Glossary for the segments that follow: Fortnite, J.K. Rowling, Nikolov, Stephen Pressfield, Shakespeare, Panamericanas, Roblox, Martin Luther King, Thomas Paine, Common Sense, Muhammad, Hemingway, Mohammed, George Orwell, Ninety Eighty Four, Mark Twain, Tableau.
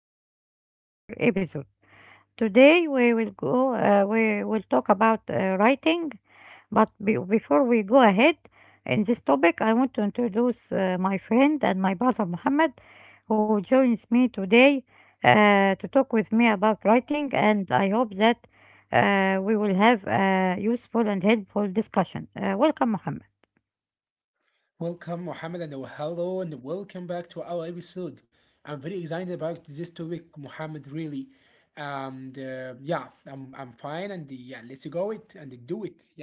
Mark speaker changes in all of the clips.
Speaker 1: back to our episode. Today we will go. We will talk about writing. But before we go ahead in this topic, I want to introduce my friend and my brother Muhammad, who joins me today to talk with me about writing. And I hope that we will have a useful and helpful discussion. Welcome, Muhammad.
Speaker 2: Welcome, Mohammed, and hello, and welcome back to our episode. I'm very excited about this topic, Mohammed, really. And yeah, I'm fine, and yeah, let's go it and do it. Yeah.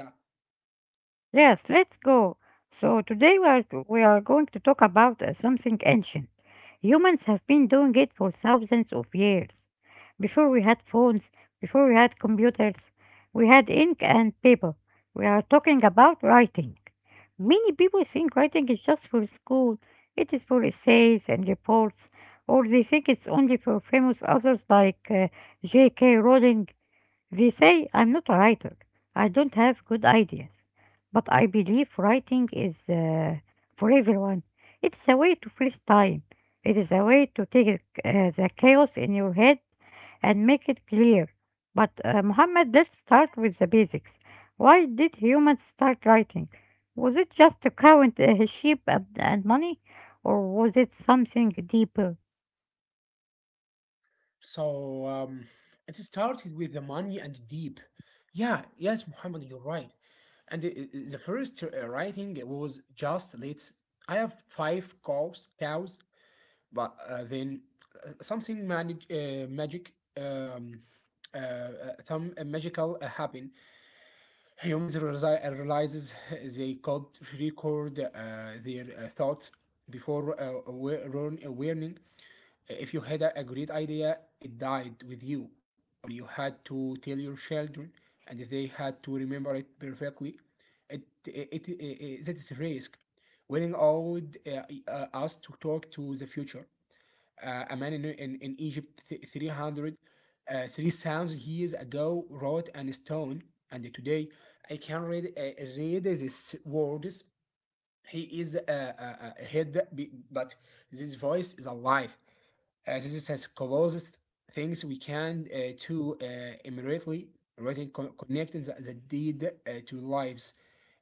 Speaker 1: Yes, let's go. So today we are going to talk about something ancient. Humans have been doing it for thousands of years. Before we had phones, before we had computers, we had ink and paper. We are talking about writing. Many people think writing is just for school. It is for essays and reports, or they think it's only for famous authors like J.K. Rowling. They say I'm not a writer. I don't have good ideas. But I believe writing is for everyone. It's a way to freeze time. It is a way to take the chaos in your head and make it clear. But Muhammad, let's start with the basics. Why did humans start writing? Was it just to count sheep and money, or was it something deeper?
Speaker 2: So, it started with the money and deep. Yeah, yes, Mohammed, you're right. And the first writing was just let's. I have five cows, but then something magic, um, uh, uh, some magical happen. Humans realizes they could record their thoughts before warning. If you had a great idea, it died with you, or you had to tell your children, and they had to remember it perfectly. It that is risk. Willing allowed us to talk to the future. A man in Egypt 3,000 years ago wrote on stone, and today I can read these words. He is head, but this voice is alive. This is as closest things we can to immediately writing, connecting the deed to lives.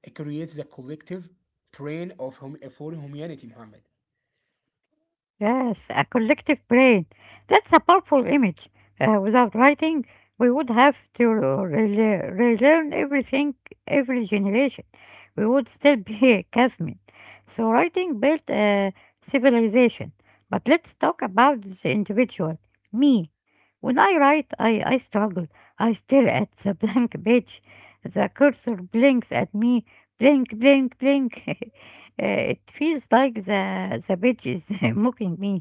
Speaker 2: It creates the collective brain of for humanity, Muhammad.
Speaker 1: Yes, a collective brain. That's a powerful image. Without writing, we would have to relearn everything every generation. We would still be cavemen. So writing built a civilization. But let's talk about the individual, me. When I write, I struggle. I stare at the blank page. The cursor blinks at me. Blink, blink, blink. It feels like the page is mocking me.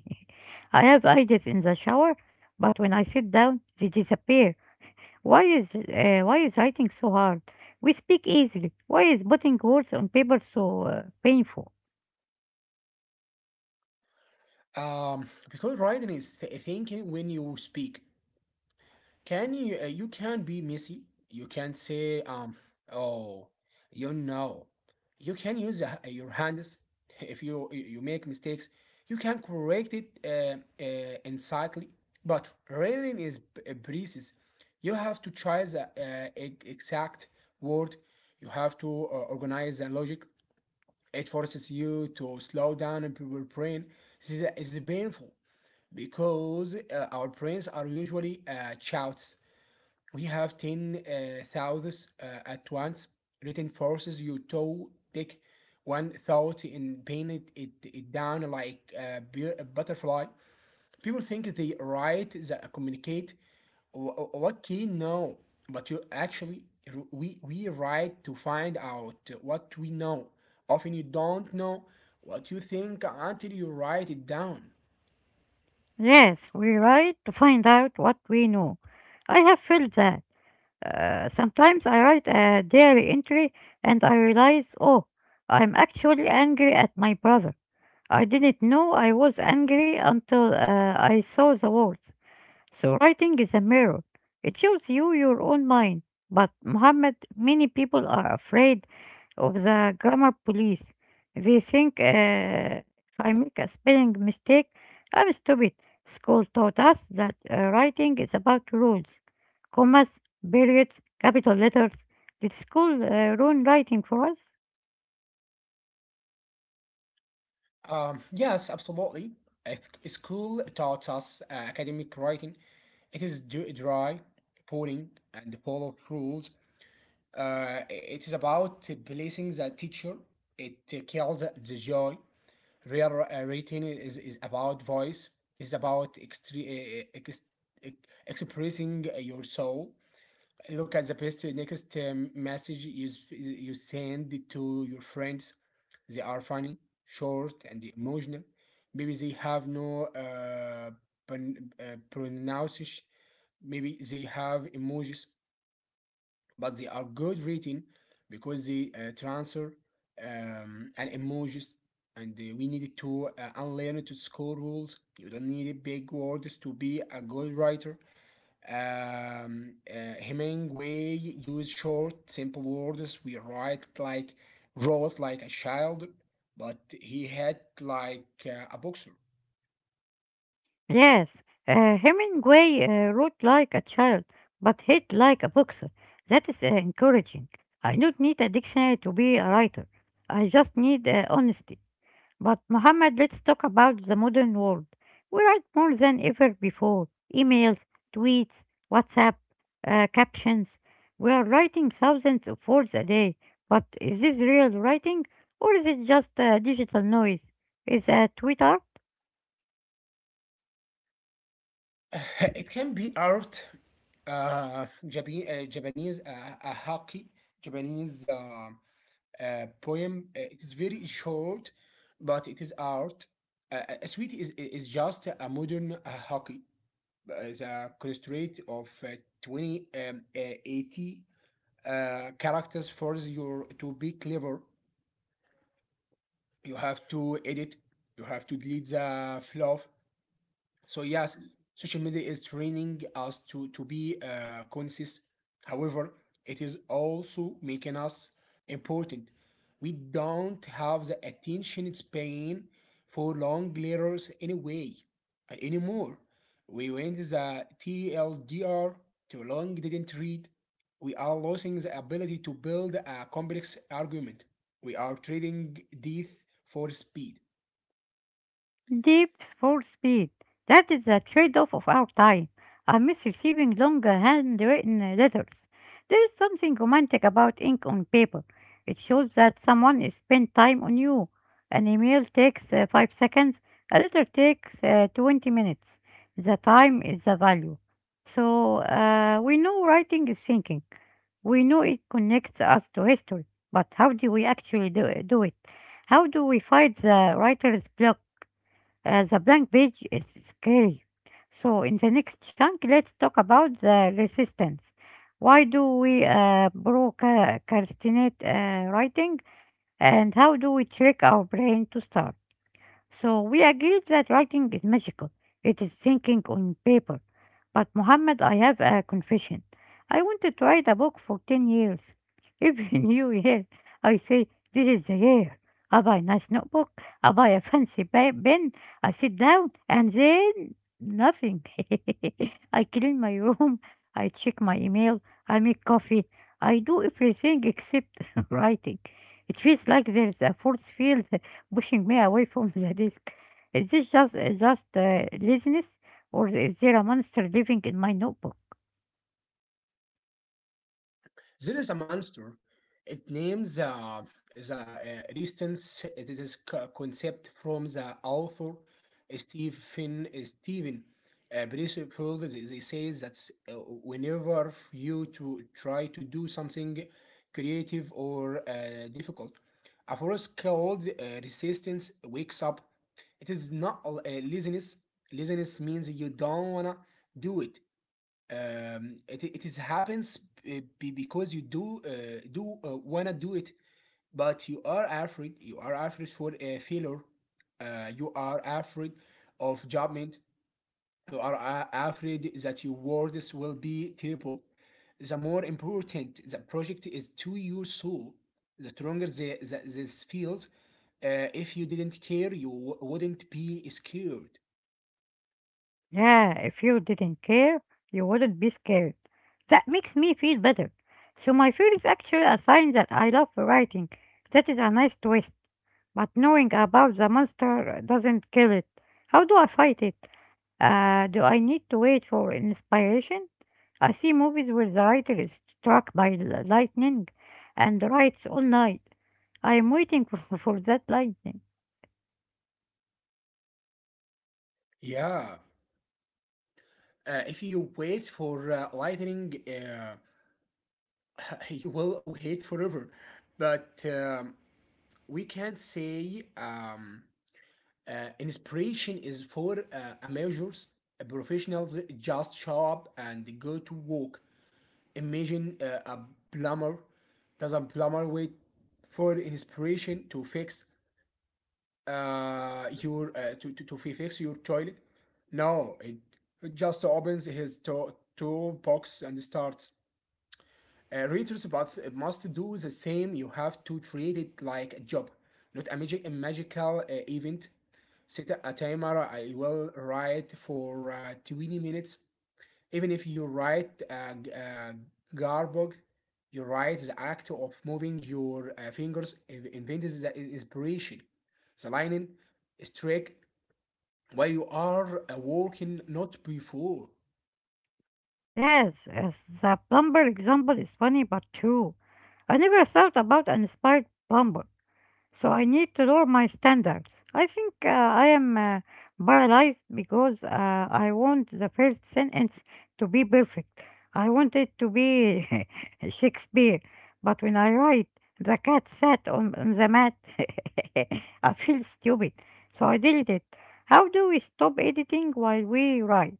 Speaker 1: I have ideas in the shower, but when I sit down, they disappear. Why is writing so hard? We speak easily. Why is putting words on paper so painful?
Speaker 2: Because Raiden is thinking when you speak. Can you you can be messy. You can say um, oh, you know. You can use your hands if you make mistakes. You can correct it instantly. But Raiden is precise. You have to choose the exact word. You have to organize the logic. It forces you to slow down your brain. This is painful because our prints are usually shouts. We have 10,000 thoughts at once. Written forces you to take one thought and paint it down like a butterfly. People think they write, they communicate. What key? No. But you actually, we write to find out what we know. Often you don't know what you think until you write it down.
Speaker 1: Yes, we write to find out what we know. I have felt that. Sometimes I write a diary entry and I realize, oh, I'm actually angry at my brother. I didn't know I was angry until I saw the words. So writing is a mirror. It shows you your own mind. But Muhammad, many people are afraid of the grammar police. They think if I make a spelling mistake, I'm stupid. School taught us that writing is about rules, commas, periods, capital letters. Did school ruin writing for us?
Speaker 2: Yes, absolutely. It, School taught us academic writing. It is dry, boring, and full of rules. It is about placing the teacher. It kills the joy. Real writing is about voice. It's about ex- expressing your soul. Look at the best next message you send to your friends. They are funny, short, and emotional. Maybe they have no pronunciation. Maybe they have emojis, but they are good written because they transfer and emojis. And we need to unlearn to school rules. You don't need big words to be a good writer. Hemingway used short, simple words. We write like wrote like a child, but he had like a boxer.
Speaker 1: Yes, Hemingway wrote like a child, but hit like a boxer. That is encouraging. I don't need a dictionary to be a writer. I just need honesty. But Mohammed, let's talk about the modern world. We write more than ever before. Emails, tweets, WhatsApp, captions. We are writing thousands of words a day. But is this real writing, or is it just digital noise? Is a tweet art?
Speaker 2: It can be art. Japanese haki, Japanese poem. It is very short, but it is art. A suite is just a modern hockey, as a constraint of 20 80 characters force you to be clever. You have to edit. You have to delete the fluff. So yes, social media is training us to be conscious. However, it is also making us important. We don't have the attention span for long letters anymore. We went the TLDR, too long didn't read. We are losing the ability to build a complex argument. We are trading depth for speed.
Speaker 1: Deep for speed. That is the trade-off of our time. I miss receiving long handwritten letters. There is something romantic about ink on paper. It shows that someone is spent time on you. An email takes 5 seconds. A letter takes 20 minutes. The time is the value. So we know writing is thinking. We know it connects us to history. But how do we actually do it? How do we fight the writer's block? The blank page is scary. So, in the next chunk, let's talk about the resistance. Why do we procrastinate writing, and how do we trick our brain to start? So we agreed that writing is magical. It is thinking on paper. But Mohammed, I have a confession. I wanted to write a book for 10 years. Every new year, I say, this is the year. I buy a nice notebook, I buy a pen, I sit down, and then nothing. I clean my room, I check my email, I make coffee, I do everything except writing. It feels like there's a force field pushing me away from the desk. Is this just laziness, or is there a monster living in my notebook?
Speaker 2: There is a monster. It names the resistance. It is concept from the author Stephen Pressfield. They say that uh, whenever you to try to do something creative or difficult, a force called resistance wakes up. It is not laziness. Laziness means you don't wanna do it. It is happens, because you do wanna do it, but you are afraid for a failure. You are afraid of judgment. You are afraid that your words will be terrible. The more important the project is to your soul, the stronger this feels. If you didn't care, you wouldn't be scared.
Speaker 1: Yeah, if you didn't care, you wouldn't be scared. That makes me feel better. So my fear is actually a sign that I love writing. That is a nice twist. But knowing about the monster doesn't kill it. How do I fight it? Do I need to wait for inspiration? I see movies where the writer is struck by lightning and writes all night. I am waiting for, for that lightning.
Speaker 2: Yeah. If you wait for lightning, you will hate forever. But we can say, inspiration is for amateurs, professionals just show up and go to work. Imagine a plumber. Does a plumber wait for inspiration to fix your to fix your toilet? No, it just opens his toolbox and starts. Readers but must do the same. You have to treat it like a job, not a magical event. Set a timer. I will write for 20 minutes. Even if you write a garbage, you write the act of moving your fingers invents the inspiration. The lining is trick while you are working, not before.
Speaker 1: Yes, yes, the plumber example is funny but true. I never thought about an inspired plumber. So I need to lower my standards. I think I am paralyzed because I want the first sentence to be perfect. I want it to be Shakespeare. But when I write, the cat sat on the mat, I feel stupid. So I delete it. How do we stop editing while we write?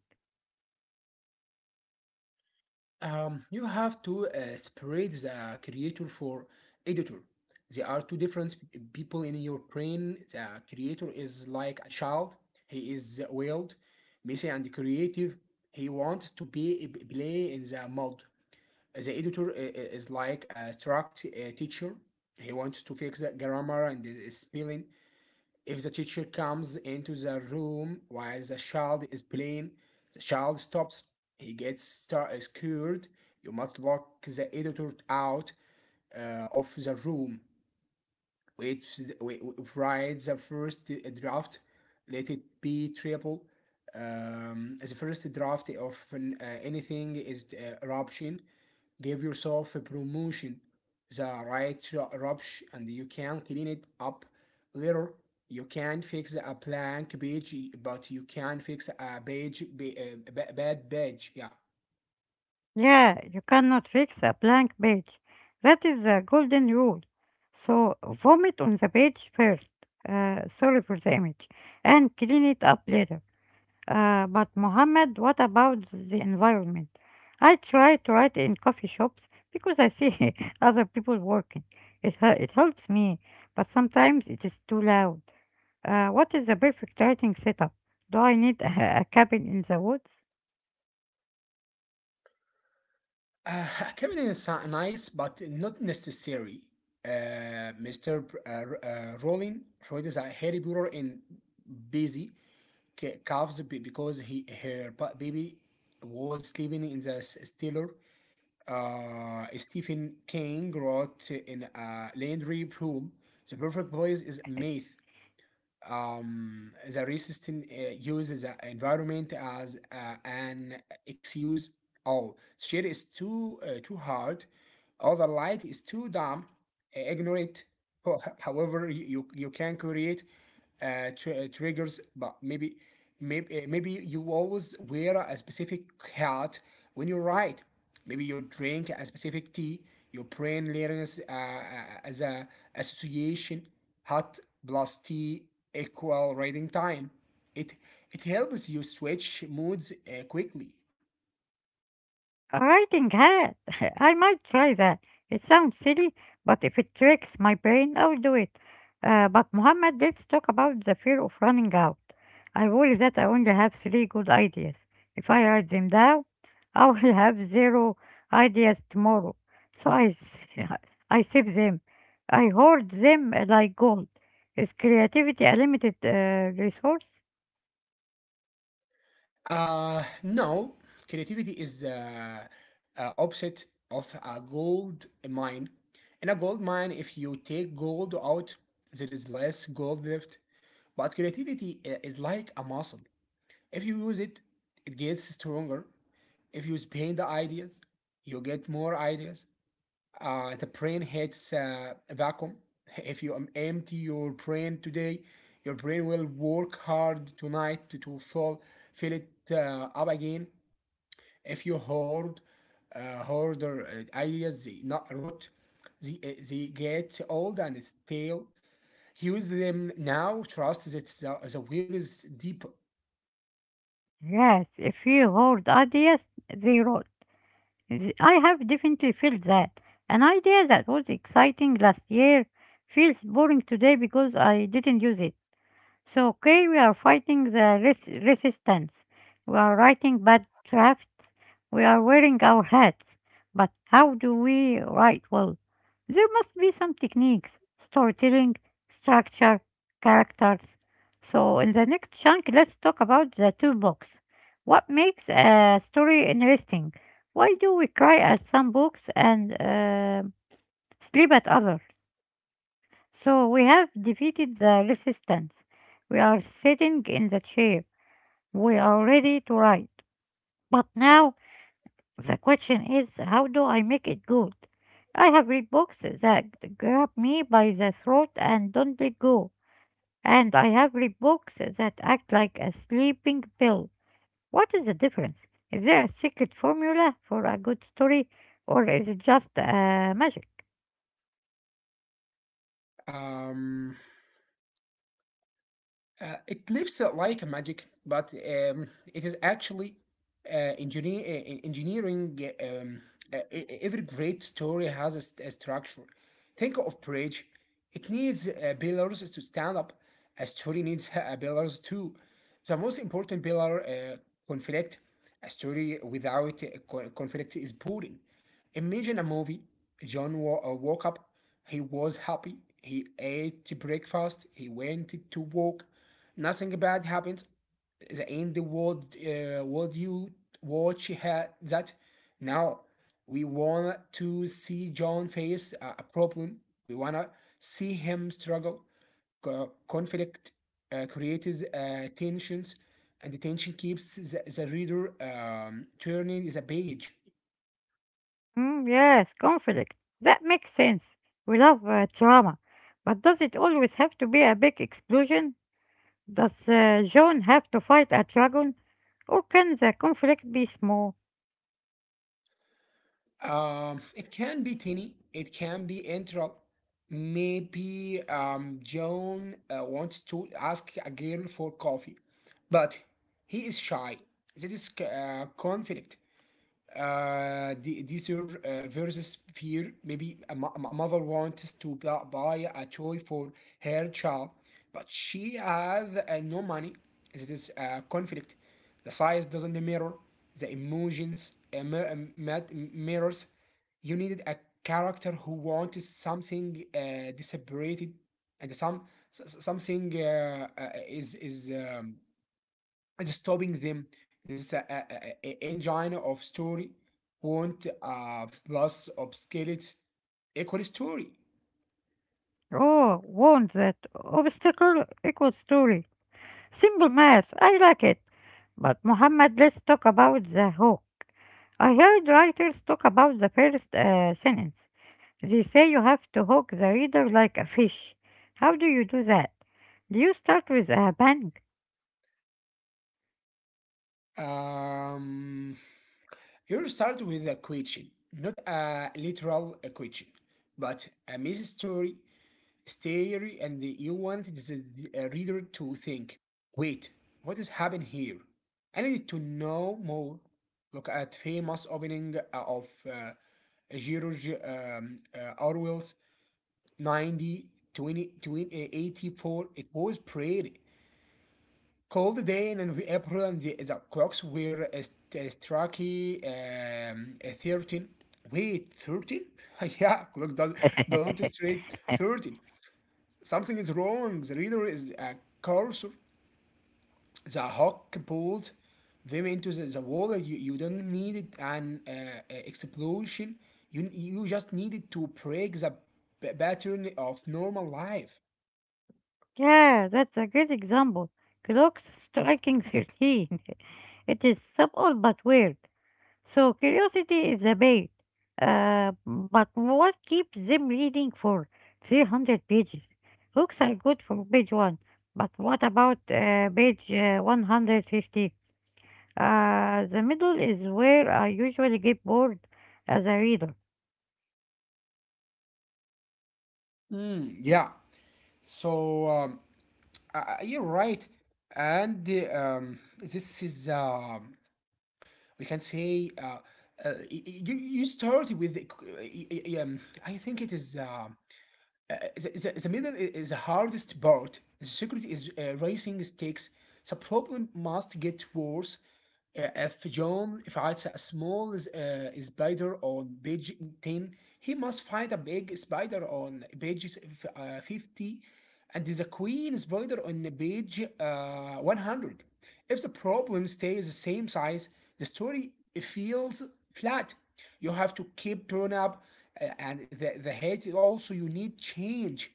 Speaker 2: You have to separate the creator for editor. There are two different people in your brain. The creator is like a child. He is wild, messy, and creative. He wants to be play in the mud. The editor is like a strict teacher. He wants to fix the grammar and the spelling. If the teacher comes into the room while the child is playing, the child stops, he gets scared. You must lock the editor out of the room, which is- whi- whi- writes the first draft, let it be triple. As the first draft of anything is eruption. Give yourself a promotion, the right to eruption, and you can clean it up later. You can fix a blank page, but you can fix a page, ba- a ba- bad page. Yeah.
Speaker 1: Yeah, you cannot fix a blank page. That is the golden rule. So vomit on the page first. Sorry for the image, and clean it up later. But Mohammed, what about the environment? I try to write in coffee shops because I see other people working. It helps me, but sometimes it is too loud. What is the perfect writing setup? Do I need a cabin in the woods?
Speaker 2: Uh, Kevin is nice, but not necessary. Mr. Rowling treated a Harry Potter in busy calves, because he her baby was sleeping in the stiller. Stephen King wrote in a Landry pool. The perfect place is Math. The resistance uses the environment as an excuse. Oh, shade is too hard. Overlight is too dumb. Ignore it. However, you can create triggers, but maybe you always wear a specific hat when you write. Maybe you drink a specific tea. Your brain learns as a association, hot plus tea equal reading time. It it helps you switch moods quickly.
Speaker 1: A riding hat. I might try that. It sounds silly, but if it tricks my brain, I'll do it. But Mohammed, let's talk about the fear of running out. I worry that I only have three good ideas. If I write them down, I will have zero ideas tomorrow. So I, s- I save them. I hoard them like gold. Is creativity a limited resource?
Speaker 2: No, creativity is the opposite of a gold mine. In a gold mine, if you take gold out, there is less gold left. But creativity is like a muscle. If you use it, it gets stronger. If you spend the ideas, you get more ideas. The brain hits a vacuum. If you empty your brain today, your brain will work hard tonight to, fill, it up again. If you hoard, hoarder ideas, they not rot, they get old and stale. Use them now. Trust that the wheel is deep.
Speaker 1: Yes, if you hoard ideas, they rot. I have definitely felt that. An idea that was exciting last year feels boring today because I didn't use it. So, okay, we are fighting the resistance. We are writing bad drafts. We are wearing our hats. But how do we write well? There must be some techniques, storytelling, structure, characters. So, in the next chunk, let's talk about the toolbox. What makes a story interesting? Why do we cry at some books and sleep at others? So we have defeated the resistance. We are sitting in the chair. We are ready to write. But now the question is how do I make it good? I have read books that grab me by the throat and don't let go. And I have read books that act like a sleeping pill. What is the difference? Is there a secret formula for a good story or is it just magic?
Speaker 2: Um, it looks like magic, but it is actually engineering. Every great story has a structure. Think of bridge. It needs pillars to stand up. A story needs pillars too. The most important pillar, conflict. A story without conflict is boring. Imagine a movie. John woke up. He was happy. He ate breakfast. He went to work. Nothing bad happened in the end world you watch that. Now we want to see John face a problem. We wanna see him struggle. Conflict creates tensions, and the tension keeps the reader turning the page.
Speaker 1: Mm, yes, conflict. That makes sense. We love drama. But does it always have to be a big explosion? Does John have to fight a dragon? Or can the conflict be small?
Speaker 2: It can be Tini. It can be Intro. Maybe John wants to ask a girl for coffee, but he is shy. This is conflict, desire versus fear. Maybe a mother wants to buy a toy for her child, but she has no money. It is a conflict. The size doesn't mirror the emotions, uh, mir- uh, mirrors. You needed a character who wants something separated, and something is stopping them. This is engine of story, want plus obscured equal story.
Speaker 1: Oh, warned that obstacle equals story. Simple math, I like it. But Muhammad, let's talk about the hook. I heard writers talk about the first sentence. They say you have to hook the reader like a fish. How do you do that? Do you start with a bang?
Speaker 2: Um, here start with a question, not a literal question, but a message story, and you want the reader to think, wait, what is happening here? I need to know more. Look at famous opening of George Orwell's 90 twenty twenty eighty four. It was pretty cold day in April, and the clocks were striking 13. Wait, 13? Yeah, clock does don't strike 13. Something is wrong. The reader is a cursor. The hawk pulled them into the wall. You don't need it an explosion. You just needed to break the pattern of normal life.
Speaker 1: Yeah, that's a great example. Clocks striking 13. It is simple but weird. So curiosity is a bait. But what keeps them reading for 300 pages? Hooks are good for page 1, but what about page 150? The middle is where I usually get bored as a reader.
Speaker 2: Mm, yeah. So um, you're right, and this is we can say you you started with the, c- y- y- I think it is. The middle is the hardest part. The security is raising stakes. The problem must get worse. If John fights a small spider on page 10, he must fight a big spider on page 50, and the queen spider on page 100. If the problem stays the same size, the story feels flat. You have to keep turning up, and the head also, you need change.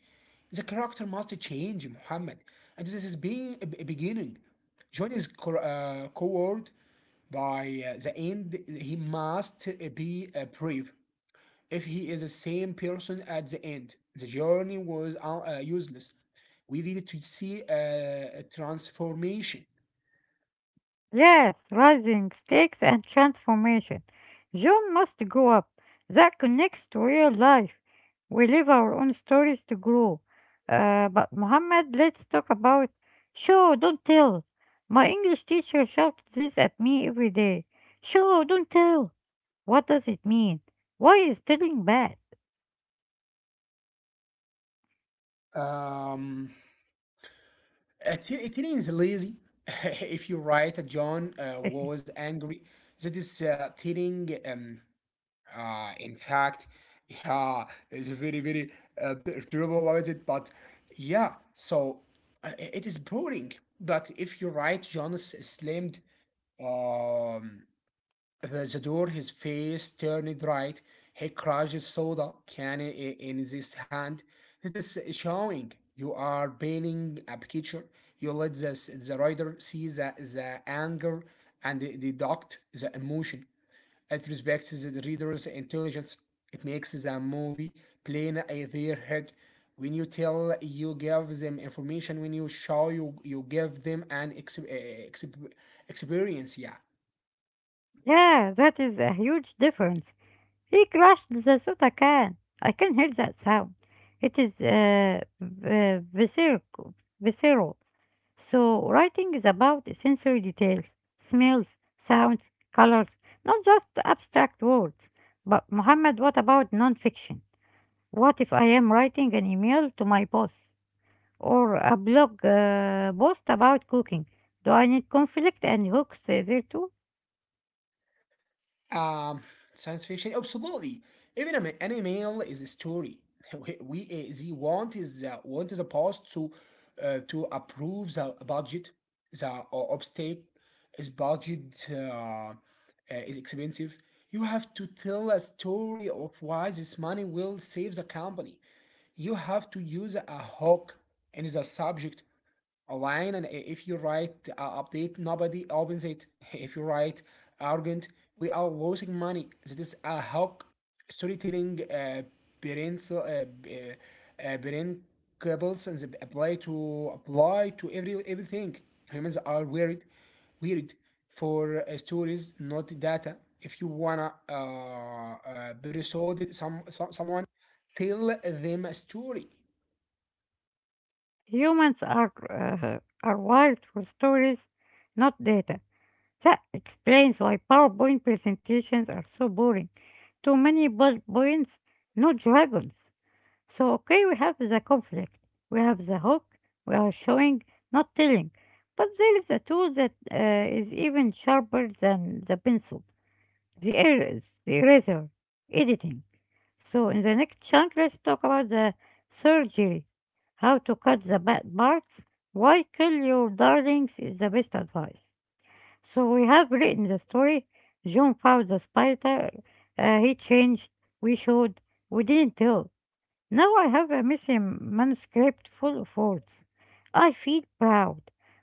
Speaker 2: The character must change, Muhammad. And this is being a beginning. John is coerced by the end. He must be brave. If he is the same person at the end, the journey was useless. We need to see a transformation.
Speaker 1: Yes, rising stakes and transformation. John must grow up. That connects to real life. We live our own stories to grow. But Muhammad, let's talk about show, don't tell. My English teacher shouted this at me every day. Show, don't tell. What does it mean? Why is telling bad?
Speaker 2: Um, Tilly is lazy. If you're right, John was angry. That is Tilling. In fact, yeah, it's very terrible about it. But yeah, so it is boring. But if you're right, John slammed Um, the door. His face turned right. He crushed his soda can in his hand. It is showing. You are painting a picture. You let the rider see the anger and deduct the emotion. It respects the reader's intelligence. It makes the movie plain in their head. When you tell, you give them information. When you show, you give them an experience. Yeah.
Speaker 1: Yeah, that is a huge difference. He crashed the soda can. I can hear that sound. It is visceral, visceral. So writing is about sensory details, smells, sounds, colors, not just abstract words. But Muhammad, what about nonfiction? What if I am writing an email to my boss or a blog post about cooking? Do I need conflict and hooks there too?
Speaker 2: Um, Science fiction, absolutely. Even an email is a story. We the want is Want is a post to approve the budget. The obstacle is budget is expensive. You have to tell a story of why this money will save the company. You have to use a hook in the subject a line. And if you write update, nobody opens it. If you write arrogant, we are losing money, this is a hawk. Storytelling parents uh, b- parent cables, and they apply to everything. Humans are weird for stories, not data. If you wanna be someone, tell them a story.
Speaker 1: Humans are wired for stories, not data. That explains why PowerPoint presentations are so boring. Too many bullet points, no dragons. So okay, we have the conflict, we have the hook, we are showing, not telling. But there is a tool that is even sharper than the pencil, the, er- the eraser, editing. So in the next chunk, let's talk about the surgery. How to cut the bad parts. Why kill your darlings is the best advice. So we have written the story. John found the spider. He changed. We showed. We didn't tell. Now I have a missing manuscript full of words. I feel proud.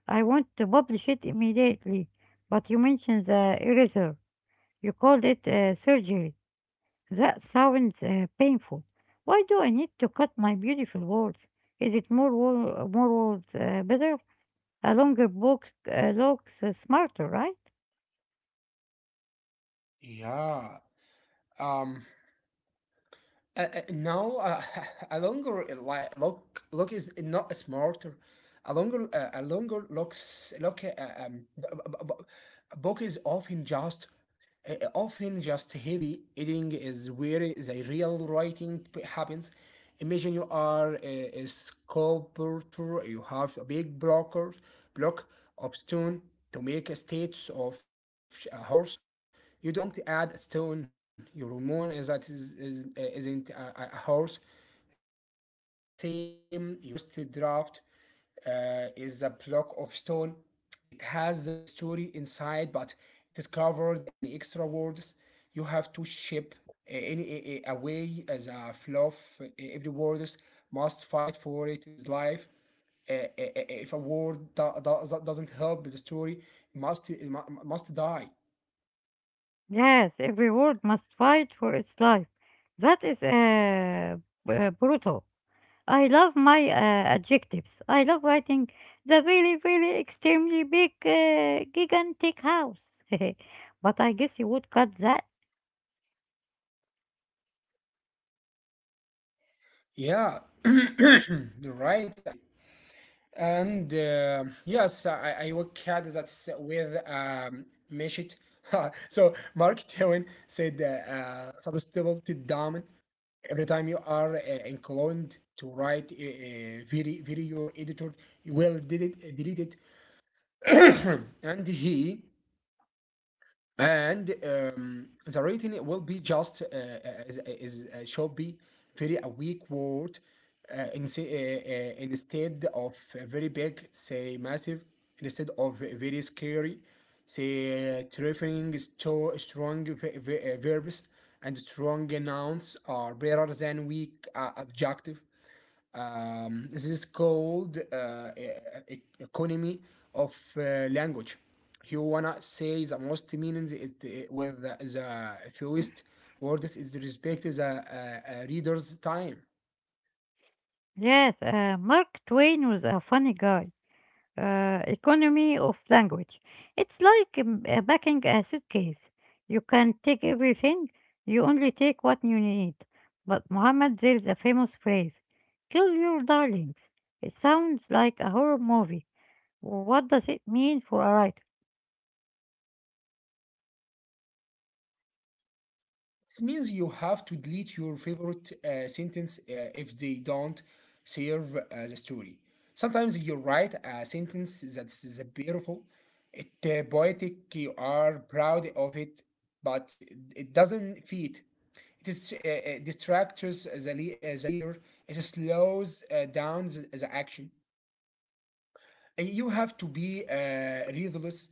Speaker 1: I want to publish it immediately. But you mentioned the eraser. You called it surgery. That sounds painful. Why do I need to cut my beautiful walls? Is it more wall, more walls better? A longer book looks smarter, right?
Speaker 2: Yeah. um no. A longer lock is not smarter. A longer, a longer locks lock b- b- b- book is often just heavy. Eating is where the real writing happens. Imagine you are a sculptor. You have a big block of stone to make a statue of a horse. You don't add a stone. You remove the stone as that isn't a horse. Running is the same. Your first draft is a block of stone. It has the story inside, but it is covered. And extra words, you have to shape way as a fluff. Every word must fight for it is life. If a word doesn't help the story, must it must die.
Speaker 1: Yes, every word must fight for its life. That is brutal. I love my adjectives. I love writing the really, really extremely big, gigantic house. But I guess you would cut that.
Speaker 2: Yeah, you're right. And yes, I work had that with Meshit. So Mark Twain said substitutability dominant. Every time you are inclined to write a very, very, your editor, you will delete it. And he and The rating will be just is should be very a weak word instead of a very big, say massive, instead of a very scary, say terrifying. Strong verbs and strong nouns are better than weak adjective. This is called economy of language. You wanna say the most meanings it with the fewest words is respect the reader's time.
Speaker 1: Yes, Mark Twain was a funny guy. Economy of language. It's like packing a suitcase. You can take everything, you only take what you need. But Muhammad, there is a famous phrase: kill your darlings. It sounds like a horror movie. What does it mean for a writer?
Speaker 2: This means you have to delete your favorite sentence if they don't serve the story. Sometimes you write a sentence that's is beautiful. It poetic, you are proud of it, but it doesn't fit. It is distracts the reader. It slows down the action. You have to be ruthless.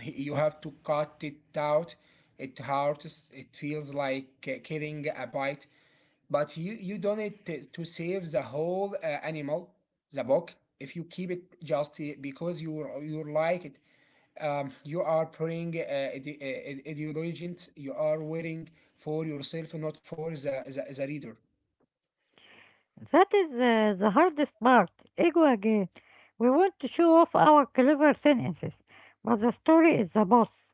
Speaker 2: You have to cut it out. It hurts. It feels like killing a bite, but you don't need to save the whole animal, the buck. If you keep it just because you like it, you are putting ideologies. You are wearing for yourself, not for the reader.
Speaker 1: That is the hardest part. Ego again. We want to show off our clever sentences, but the story is the boss.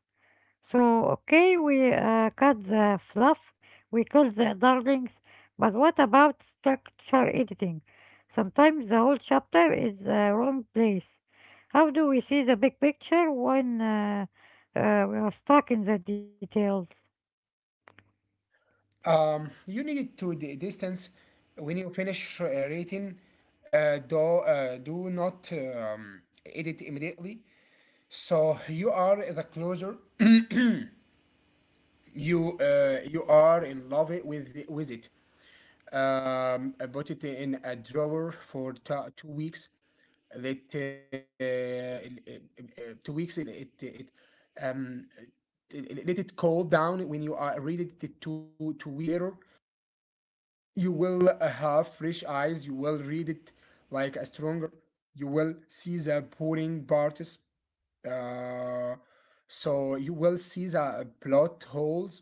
Speaker 1: So, okay, we cut the fluff, we call the darlings, but what about structure editing? Sometimes the whole chapter is the wrong place. How do we see the big picture when uh, we are stuck in the details?
Speaker 2: You need to distance when you finish rating. Do do not edit immediately. So you are the closer. You are in love it with it. I put it in a drawer for 2 weeks. That uh, it- it- 2 weeks, um let it cool down. When you are read it two weeks later, you will have fresh eyes. You will read it like a stronger. You will see the boring parts. Uh, so you will see the plot holes,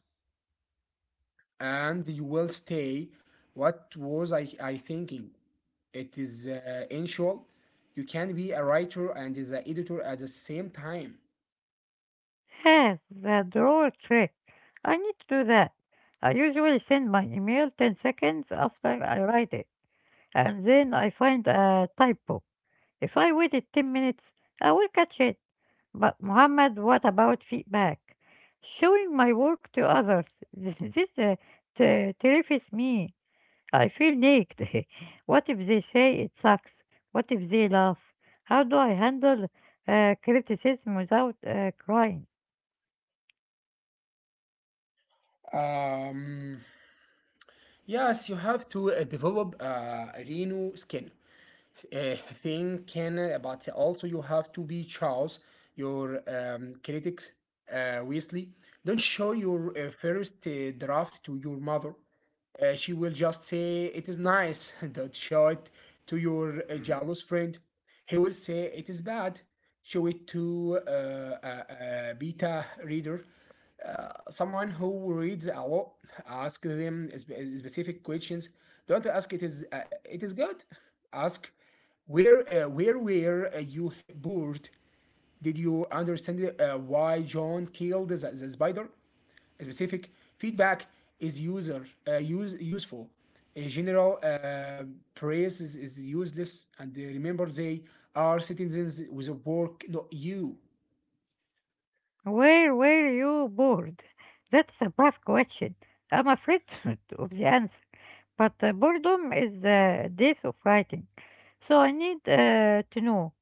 Speaker 2: and you will stay, what was I thinking? It is unusual. You can be a writer and the editor at the same time.
Speaker 1: Yes, the drawer trick. I need to do that. I usually send my email 10 seconds after I write it, and then I find a typo. If I waited 10 minutes, I will catch it. But Muhammad, what about feedback? Showing my work to others. This terrifies me. I feel naked. What if they say it sucks? What if they laugh? How do I handle criticism without crying?
Speaker 2: um, yes, you have to develop a reno skin thinking. But also you have to be choose your critics wisely. Don't show your first draft to your mother. She will just say it is nice. Don't show it to your jealous friend. He will say it is bad. Show it to a beta reader, someone who reads a lot. Ask them specific questions. Don't ask, it is good. Ask, where were you bored? Did you understand why John killed the spider? Specific feedback is user use useful. A general praise is useless. And remember, they are citizens with a work, not you.
Speaker 1: Where were you bored? That's a tough question. I'm afraid of the answer. But boredom is the death of writing. So I need to know.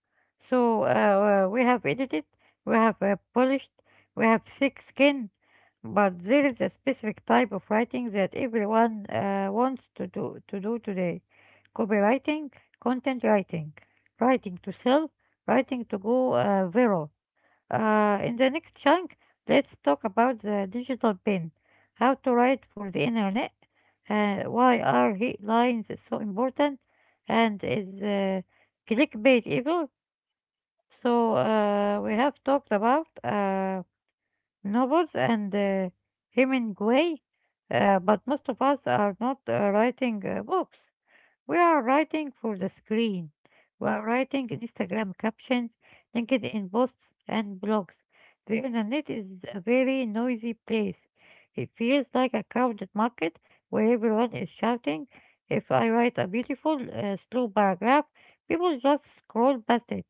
Speaker 1: So we have edited, we have polished, we have thick skin, but there is a specific type of writing that everyone wants to do today. Copywriting, content writing, writing to sell, writing to go viral. In the next chunk, let's talk about the digital pen, how to write for the internet, why are headlines so important, and is clickbait evil? So we have talked about novels and Hemingway, but most of us are not writing books. We are writing for the screen. We are writing in Instagram captions, LinkedIn posts, and blogs. The internet is a very noisy place. It feels like a crowded market where everyone is shouting. If I write a beautiful, slow paragraph, people just scroll past it.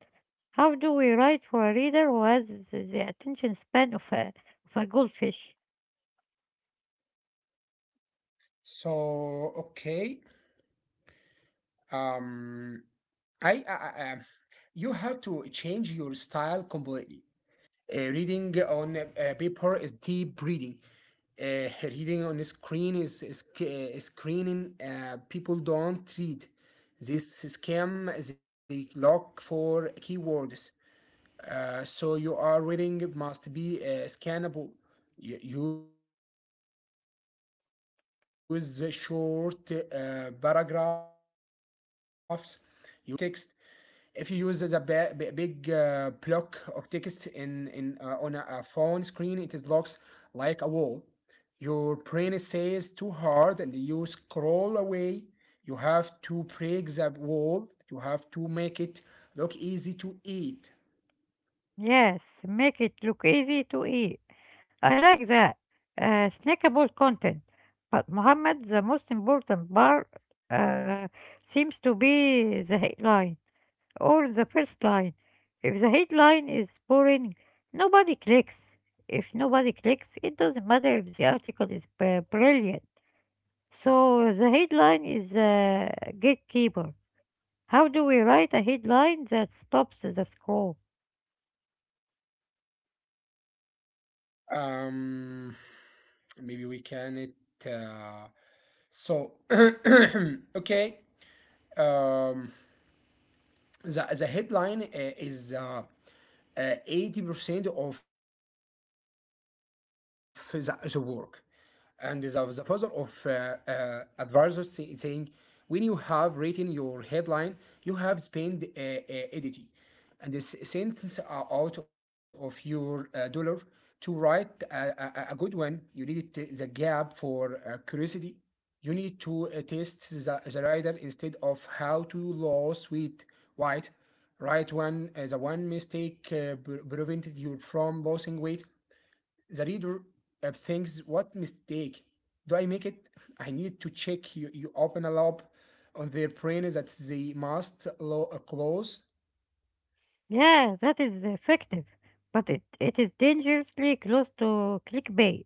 Speaker 1: How do we write for a reader who has the attention span of of a goldfish?
Speaker 2: So okay. um I you have to change your style completely. Reading on paper is deep reading. Reading on a screen is screening. People don't read. This scam, they look for keywords. So you are reading must be scannable. Use short paragraphs. Use bottle points. Use bold text. If you use the big block of text in on a phone screen, it is looks like a wall. Your brain says too hard, and you scroll away. You have to break the wall. You have to make it look easy to eat.
Speaker 1: Yes, make it look easy to eat. I like that. Snackable content. But Muhammad, the most important part uh, seems to be the headline or the first line. If the headline is boring, nobody clicks. If nobody clicks, it doesn't matter if the article is brilliant. So the headline is a gatekeeper. How do we write a headline that stops the scroll?
Speaker 2: Um, Maybe we can it. Uh, so okay. Um, the headline is 80% of the work. And the author of Advisors saying, when you have written your headline, you have spent editing, and the sentence are out of your dollar to write a good one. You need the gap for curiosity. You need to test the rider. Instead of how to lose weight, White, right one the one mistake prevented you from losing weight. The reader thinks, what mistake do I make it? I need to check. You open a loop on their brain that they must close.
Speaker 1: Yeah, that is effective, but it is dangerously close to clickbait.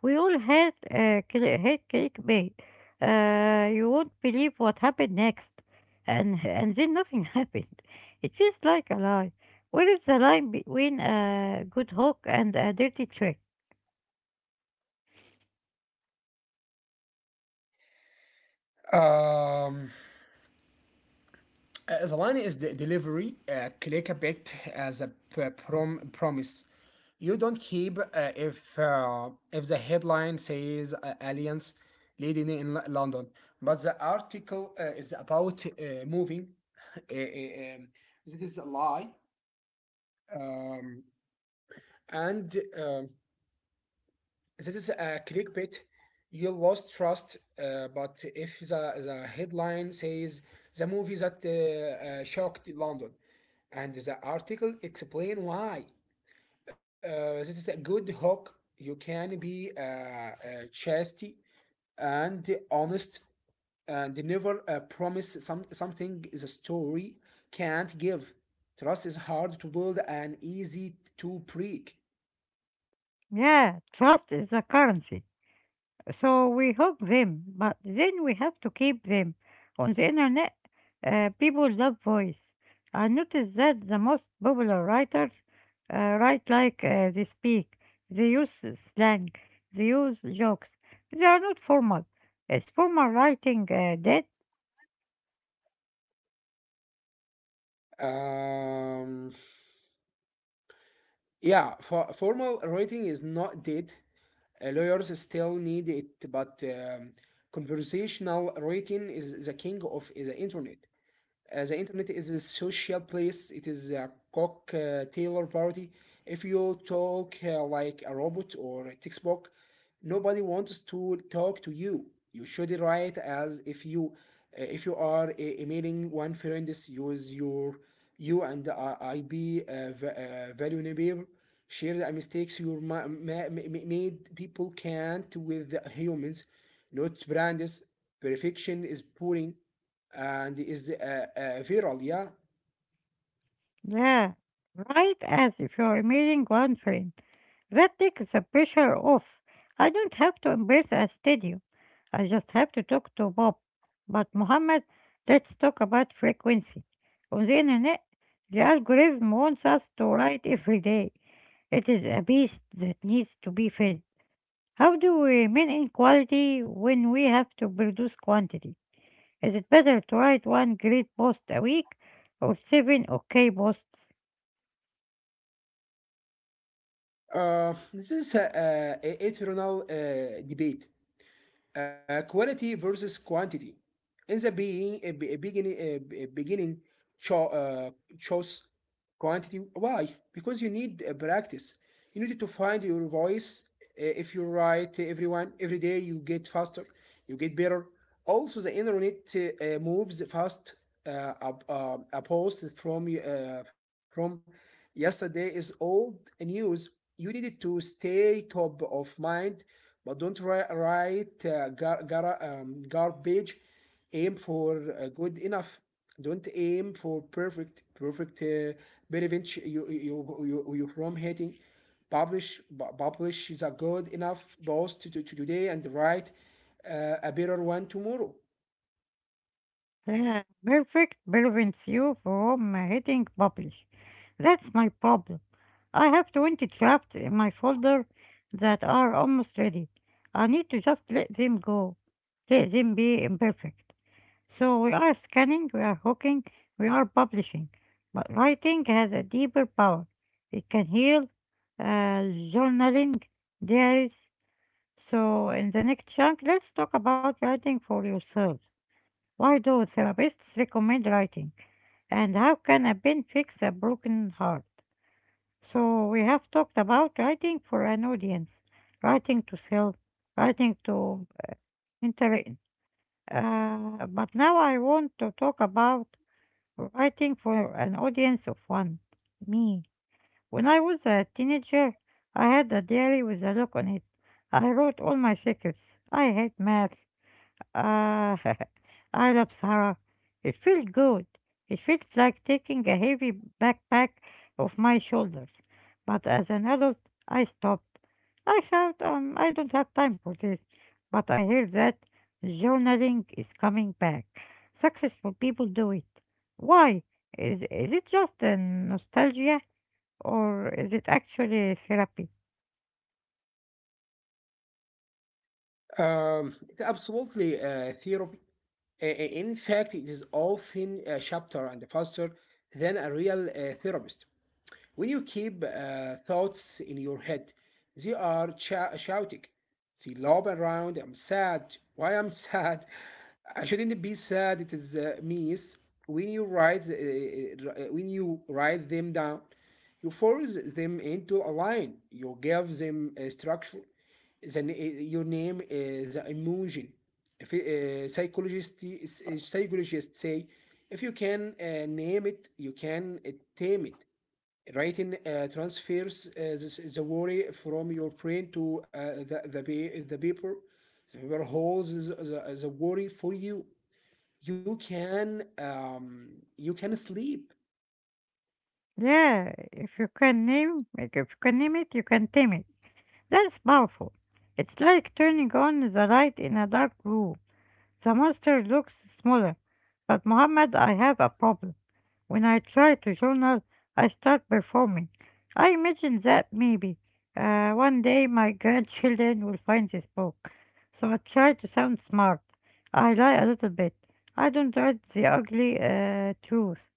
Speaker 1: We all hate, cli hate clickbait. You won't believe what happened next, and then nothing happened. It feels like a lie. Where is the line between a good hook and a dirty trick?
Speaker 2: Um, the line is the delivery. Click a bit as a promise. You don't keep if the headline says aliens leading in London, but the article is about moving. Uh, uh, um, this is a lie. Um, and um, this is a clickbait. You lost trust. But if the headline says the movie that shocked London, and the article explain why, this is a good hook. You can be chasty and honest, and never promise some something the story can't give. Trust is hard to build and easy to break.
Speaker 1: Yeah, trust is a currency. So we hook them, but then we have to keep them on the internet. People love voice. I noticed that the most popular writers write like they speak. They use slang. They use jokes. They are not formal. Is formal writing dead?
Speaker 2: Um, yeah, formal writing is not dead. Lawyers still need it, but conversational writing is the king of the internet. The internet is a social place. It is a cocktail party. If you talk like a robot or a textbook, nobody wants to talk to you. You should write as if you are emailing one friend. Just Use your you and uh, IB uh, v- uh, value. Share the mistakes you made. People can't with humans, not brands. Perfection is boring and is viral. Yeah,
Speaker 1: Yeah, write as if you are emailing one friend. That takes the pressure off. I don't have to embrace a stadium. I just have to talk to Bob. But Mohammed, let's talk about frequency. On the internet, the algorithm wants us to write every day. It is a beast that needs to be fed. How do we maintain quality when we have to produce quantity? Is it better to write one great post a week or seven okay posts?
Speaker 2: this is a eternal debate. Quality versus quantity. In the beginning, cho- uh, chose quantity. Why? Because you need practice. You need to find your voice. If you write everyone every day, you get faster, you get better. Also, the internet moves fast. A post from yesterday is old news. You need to stay top of mind, but don't write, write garbage. Aim for good enough. Don't aim for perfect. Perfect prevents you from hating publish. Publish is a good enough post to today and write a better one tomorrow.
Speaker 1: Yeah, perfect prevents you from hitting publish. That's my problem. I have 20 drafts in my folder that are almost ready. I need to just let them go. Let them be imperfect. So we are scanning, we are hooking, we are publishing. But writing has a deeper power. It can heal, uh, journaling, diaries. So in the next chunk, let's talk about writing for yourself. Why do therapists recommend writing? And how can a pen fix a broken heart? So, we have talked about writing for an audience, writing to sell, writing to entertain. But now I want to talk about writing for an audience of one, me. When I was a teenager, I had a diary with a lock on it. I wrote all my secrets. I hate math. Ah, I love Sahara. It felt good. It felt like taking a heavy backpack off my shoulders. But as an adult, I stopped. I thought, I don't have time for this. But I hear that journaling is coming back. Successful people do it. Why? Is it just a nostalgia or is it actually therapy?
Speaker 2: Um, Absolutely, theory. In fact, it is often sharper and faster than a real therapist. When you keep thoughts in your head, they are shouting. They lob around. I'm sad. Why I'm sad? I shouldn't be sad. It is means when you write them down, you force them into a line. You give them a structure. Then your name is an emotion. If psychologist Psychologists say if you can name it, you can tame it. Writing transfers the worry from your brain to the paper. The paper holds the worry for you. You can um, you can sleep.
Speaker 1: Yeah, if you can name, if you can name it, you can tame it. That's powerful. It's like turning on the light in a dark room. The monster looks smaller. But Muhammad, I have a problem. When I try to journal, I start performing. I imagine that maybe one day my grandchildren will find this book. So I try to sound smart. I lie a little bit. I don't write the ugly truth.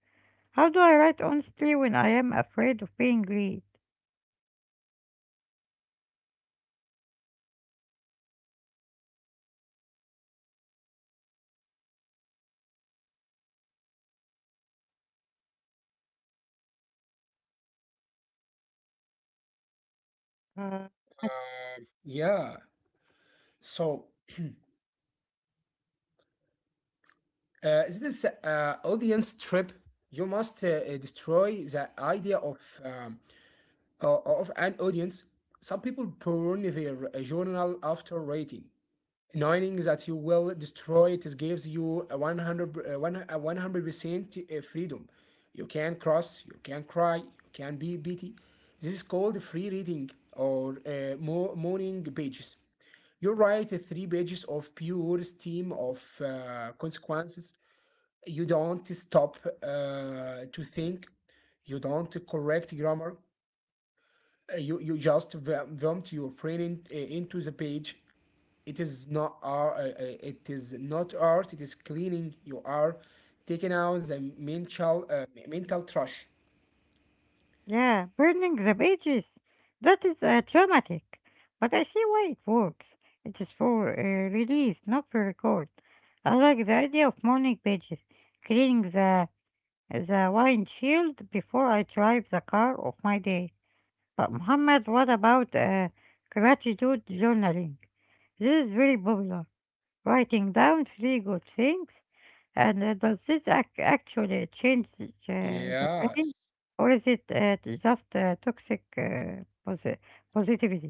Speaker 1: How do I write honestly when I am afraid of being read?
Speaker 2: Um,
Speaker 1: Uh,
Speaker 2: yeah. So this is audience trip. You must destroy the idea of um, of an audience. Some people burn their journal after writing. Knowing that you will destroy it gives you a 100 uh, a 100% freedom. You can cross, you can cry, you can be pity. This is called free reading or morning pages. You write three pages of pure steam of consequences. You don't stop to think, you don't correct grammar. You just vomit your brain into the page. It is not art. It is not art. It is cleaning. You are taking out the mental trash.
Speaker 1: Yeah, burning the pages. That is traumatic. But I see why it works. It is for release, not for record. I like the idea of morning pages, cleaning the windshield before I drive the car of my day. But Muhammad, what about gratitude journaling? This is very popular. Writing down three good things, and does this ac actually change the brain,
Speaker 2: Yes.
Speaker 1: or is it just toxic positivity?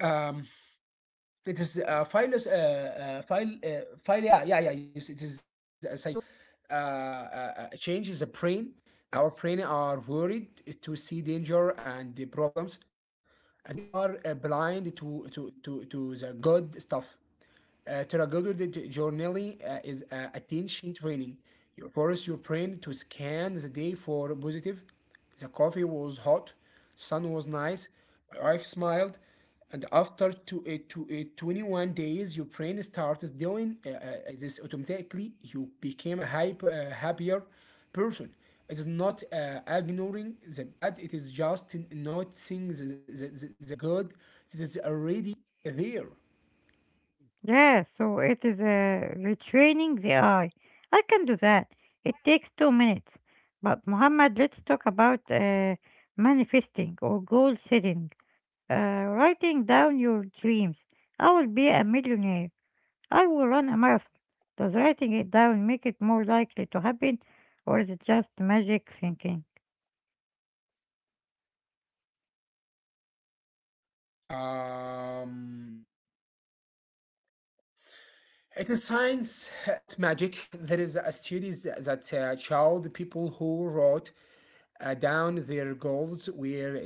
Speaker 2: Um, it is philos phil phil yeah yeah yeah. yes, It is a psychological uh, uh, change. Is a brain. Our brain are worried to see danger and the problems, and we are blind to the good stuff. Terragoda journaling is attention training. You force your brain to scan the day for positive. The coffee was hot, sun was nice, my wife smiled, and after 21 days, your brain starts doing this automatically. You became a happier person. It's not ignoring the bad, it is just noticing the good that is already there.
Speaker 1: Yeah, so it is retraining the eye. I can do that. It takes 2 minutes. But Muhammad, let's talk about manifesting or goal setting. uh, Writing down your dreams. I will be a millionaire. I will run a marathon. Does writing it down make it more likely to happen, or is it just magic thinking?
Speaker 2: Um, it is science, not magic. There is a studies that showed people who wrote down their goals were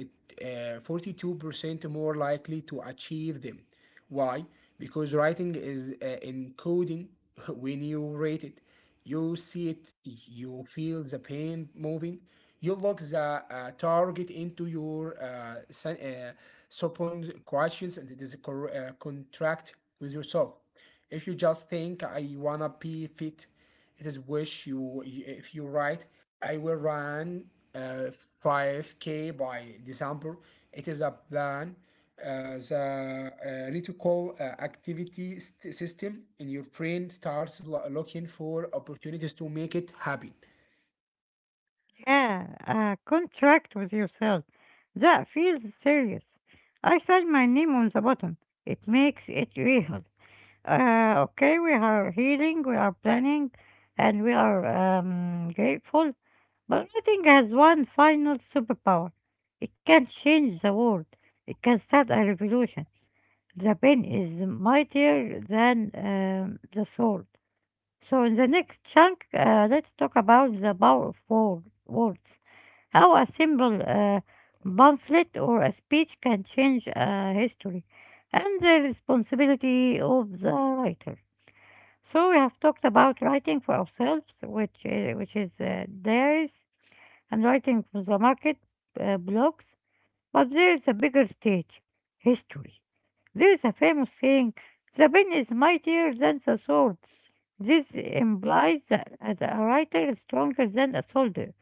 Speaker 2: 42% more likely to achieve them. Why? Because writing is encoding. When you read it, you see it, you feel the pain moving, you lock the target into your subconscious, and it is a contract with yourself. If you just think I wanna be fit, it is wish. You If you write I will run uh, 5K by December. It is a plan. The reticle activity system in your brain starts looking for opportunities to make it happen.
Speaker 1: Yeah, a contract with yourself. That feels serious. I sign my name on the bottom. It makes it real. Okay, we are healing, we are planning, and we are grateful. But writing has one final superpower. It can change the world. It can start a revolution. The pen is mightier than the sword. So in the next chunk, let's talk about the power of words. How a simple pamphlet or a speech can change history, and the responsibility of the writer. So we have talked about writing for ourselves, which is theirs, and writing for the market, blogs, but there is a bigger stage: history. There is a famous saying, the pen is mightier than the sword. This implies that a writer is stronger than a soldier.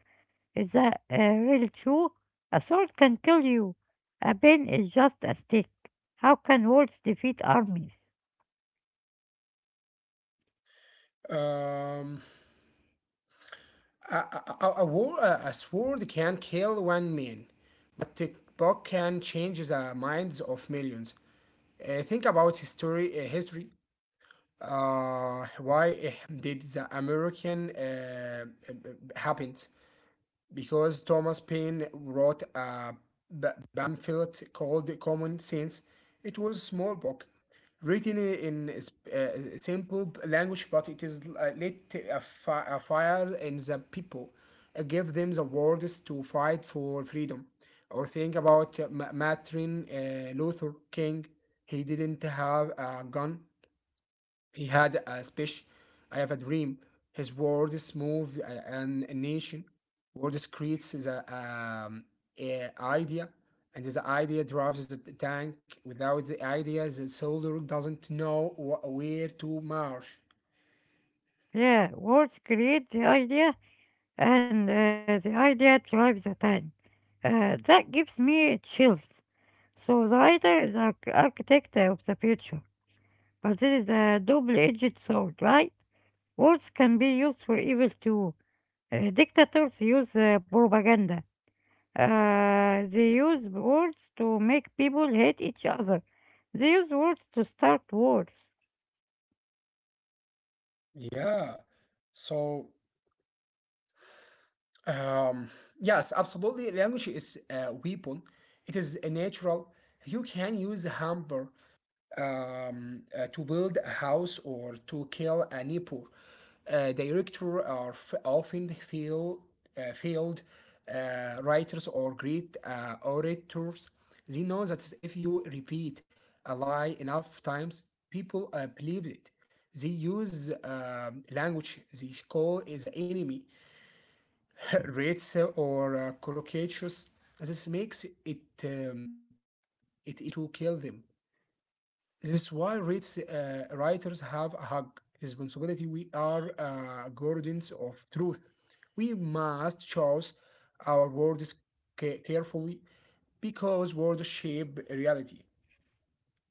Speaker 1: Is that really true? A sword can kill you. A pen is just a stick. How can words defeat armies?
Speaker 2: Um, a sword can kill one man, but a book can change the minds of millions. Think about history. Why did the American happened? Because Thomas Paine wrote a b- pamphlet called Common Sense. It was a small book written in simple language, but it is lit a fire in the people, give them the words to fight for freedom. Or think about Martin Luther King. He didn't have a gun, he had a speech. I have a dream. His words move a nation. Words creates the a idea, and the idea drives the tank. Without the idea, the soldier doesn't know where to march.
Speaker 1: Yeah, words create the idea, and the idea drives the tank. That gives me chills. So the writer is an architect of the future, but this is a double-edged sword, right? Words can be used for evil too. Dictators use propaganda. They use words to make people hate each other. They use words to start wars.
Speaker 2: Yeah. So Um, yes, absolutely. Language is a weapon. It is a natural. You can use a hammer to build a house or to kill a neighbor. Directors are often failed writers or great orators. They know that if you repeat a lie enough times, people believe it. They use language they call is the enemy rates or crocuses. This makes it it easier to kill them. This is why rates writers have a hug responsibility. We are guardians of truth. We must choose our words carefully because words shape reality.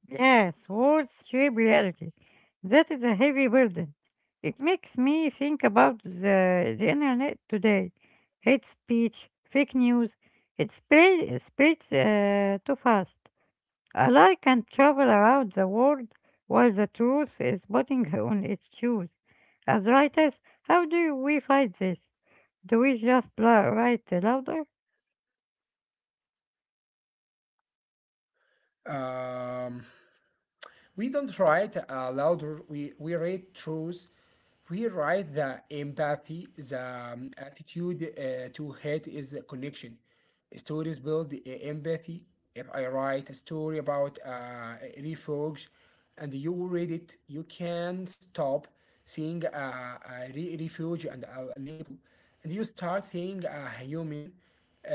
Speaker 1: Yes, words shape reality. That is a heavy burden. It makes me think about the internet today. Hate speech, fake news, spreads too fast. A lie can travel around the world while the truth is putting on its shoes. As writers, how do we fight this? Do we just write louder?
Speaker 2: Um, We don't write aloud, we read truth. We write the empathy, the attitude to hate is a connection. Stories build empathy. If I write a story about a refuge and you read it, you can stop seeing refuge and a label. And you start seeing a human,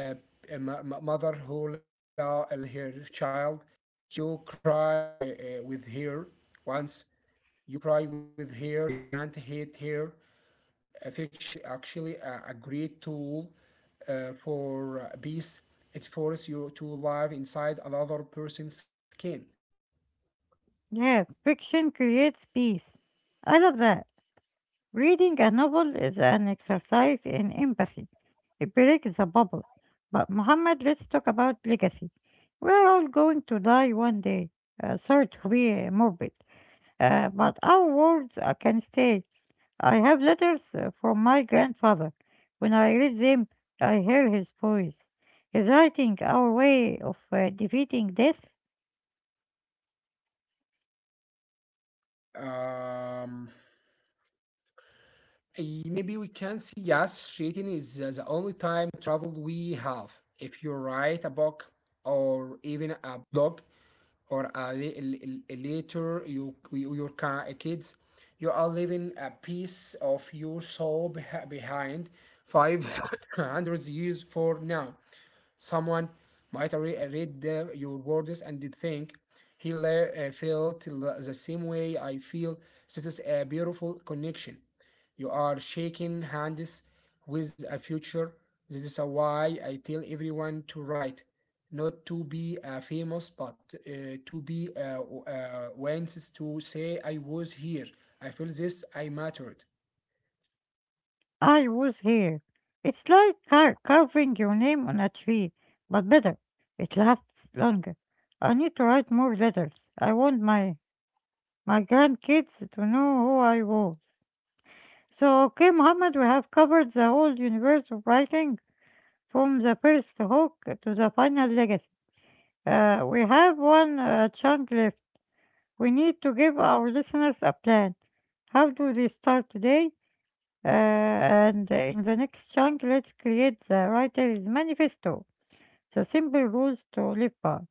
Speaker 2: uh, a mother who loves her child, you cry with her once. You cry with her. You can't hate her. Affection is actually a great tool for peace. It forces you to live inside another person's skin.
Speaker 1: Yes, fiction creates peace. I love that. Reading a novel is an exercise in empathy. It breaks the bubble. But Muhammad, let's talk about legacy. We're all going to die one day. Sorry to be morbid, but our words can stay. I have letters from my grandfather. When I read them, I hear his voice. He's writing our way of defeating death.
Speaker 2: Um, Maybe we can see yes, cheating is the only time travel we have. If you write a book or even a blog, or later your kids, you are leaving a piece of your soul behind 500 years for now. Someone might read your words and did think he felt the same way I feel. This is a beautiful connection. You are shaking hands with a future. This is why I tell everyone to write, not to be famous, but to be wants to say I was here. I feel this. I mattered.
Speaker 1: I was here. It's like carving your name on a tree, but better. It lasts longer. I need to write more letters. I want my grandkids to know who I was. So, okay, Muhammad, we have covered the whole universe of writing, from the first hook to the final legacy. We have one chunk left. We need to give our listeners a plan. How do they start today? And in the next chunk, let's create the writer's manifesto, the simple rules to live by.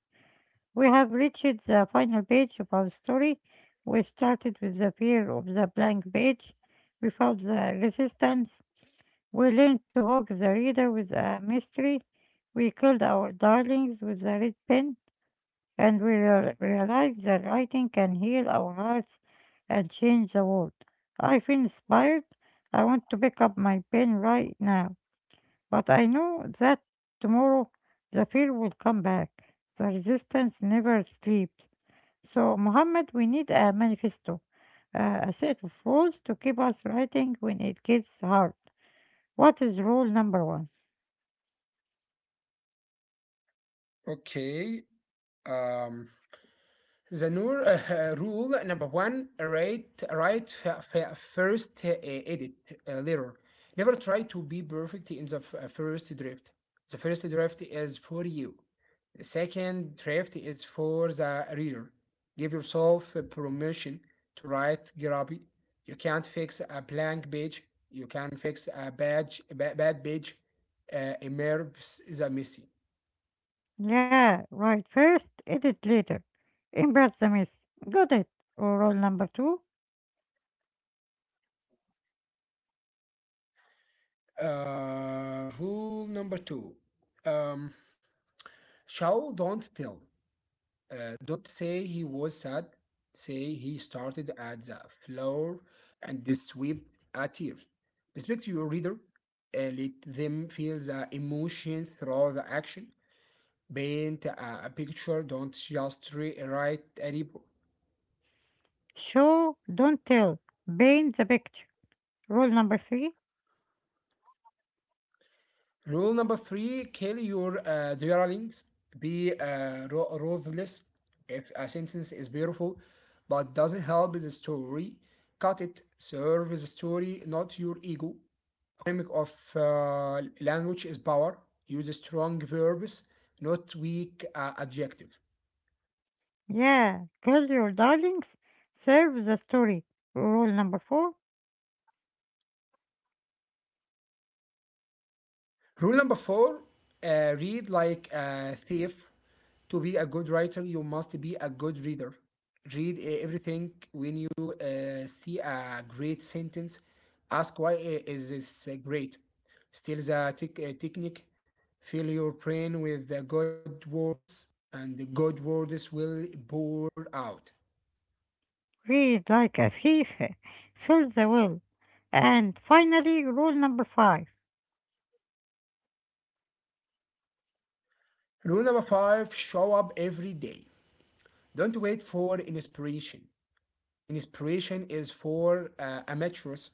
Speaker 1: We have reached the final page of our story. We started with the fear of the blank page. We fought the resistance. We learned to hook the reader with a mystery. We killed our darlings with a red pen, and we realize that writing can heal our hearts and change the world. I feel inspired. I want to pick up my pen right now, but I know that tomorrow the fear will come back. The resistance never sleeps. So, Muhammad, we need a manifesto, a set of rules to keep us writing when it gets hard. What is rule number one?
Speaker 2: Okay. Um. The Noor rule number one: write, write first, edit later. Never try to be perfect in the first draft. The first draft is for you. The second draft is for the reader. Give yourself a permission to write grubby. You can't fix a blank page. You can fix a bad page. Immerse the messy.
Speaker 1: Yeah, write first, edit later. Embrace the mess. Got it. Rule number two?
Speaker 2: Rule number two. Um, Shall don't tell. Don't say he was sad. Say he started at the floor and swept a tear. Respect your reader. Let them feel the emotion through the action. Paint a picture. Don't just write a report.
Speaker 1: Show, don't tell. Paint the picture. Rule number three.
Speaker 2: Rule number three, kill your dearlings. Be ruthless. If a sentence is beautiful but doesn't help the story, cut it. Serve the story, not your ego. Dynamic of language is power. Use strong verbs, not weak adjective.
Speaker 1: Yeah, kill your darlings. Serve the story. Rule number four.
Speaker 2: Rule number four, read like a thief. To be a good writer, you must be a good reader. Read everything when you see a great sentence. Ask why is this great? Steal the technique. Fill your brain with the good words, and the good words will pour out.
Speaker 1: Read like a thief. Fill the will. And finally, rule number five.
Speaker 2: Rule number five, show up every day. Don't wait for inspiration. Inspiration is for amateurs,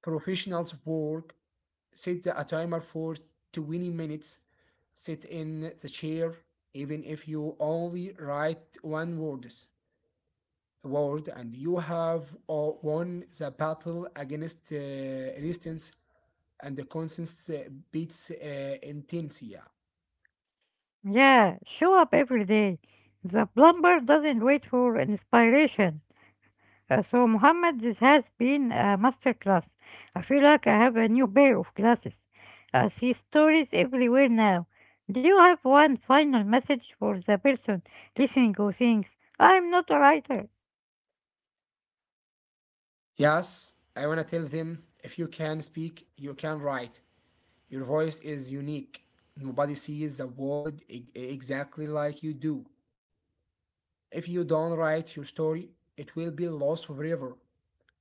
Speaker 2: professionals' work, set a timer for 20 minutes. Sit in the chair, even if you only write word and you have won the battle against resistance and the constant beats intensia.
Speaker 1: Yeah, show up every day. The plumber doesn't wait for inspiration. So Muhammad, this has been a masterclass. I feel like I have a new pair of glasses. I see stories everywhere now. Do you have one final message for the person listening who thinks, I'm not a writer?
Speaker 2: Yes, I want to tell them if you can speak, you can write. Your voice is unique. Nobody sees the world exactly like you do. If you don't write your story, it will be lost forever.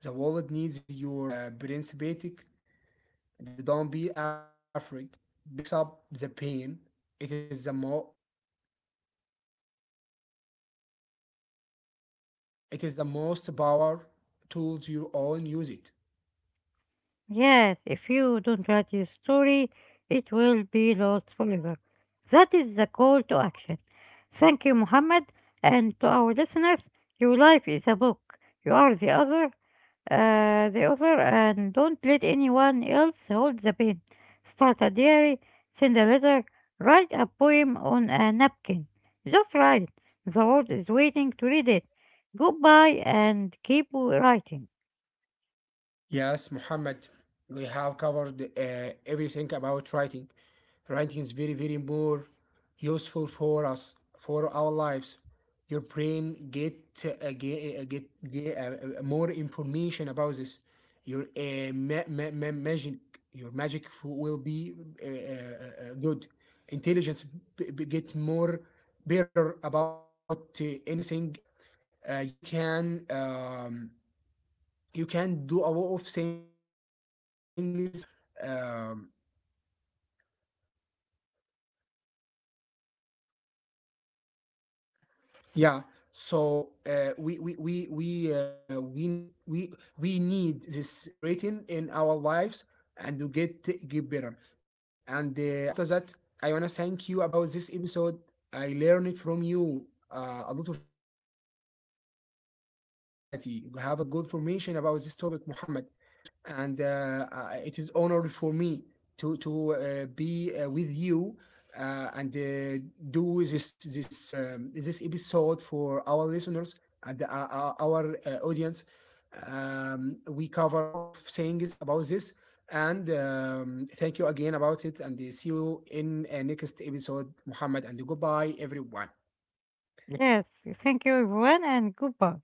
Speaker 2: The world needs your principatic and don't be afraid. Picks up the pain. It is the it is the most power tools you own use it.
Speaker 1: Yes, if you don't write your story, it will be lost forever. That is the call to action. Thank you, Muhammad, and to our listeners, your life is a book. You are the author, the offer, and don't let anyone else hold the pen. Start a diary, send a letter, write a poem on a napkin. Just write. The world is waiting to read it. Goodbye and keep writing.
Speaker 2: Yes, Muhammad, we have covered everything about writing. Writing is very more useful for us, for our lives. Your brain get more information about this. Your your magic will be good. Intelligence get more better about anything else. You can. You can do a lot of things with rated. Um, yeah. So we need this rating in our lives and to get better. And after that, I wanna thank you about this episode. I learned from you a lot of things today. You have a good mentality, you have a good information about this topic, Muhammad. And it is honor for me to be with you and do this this episode for our listeners and our audience. We covered a lot of things about this, and thank you again about it. And see you in next episode, Muhammad. And goodbye, everyone.
Speaker 1: Yes, thank you everyone and goodbye.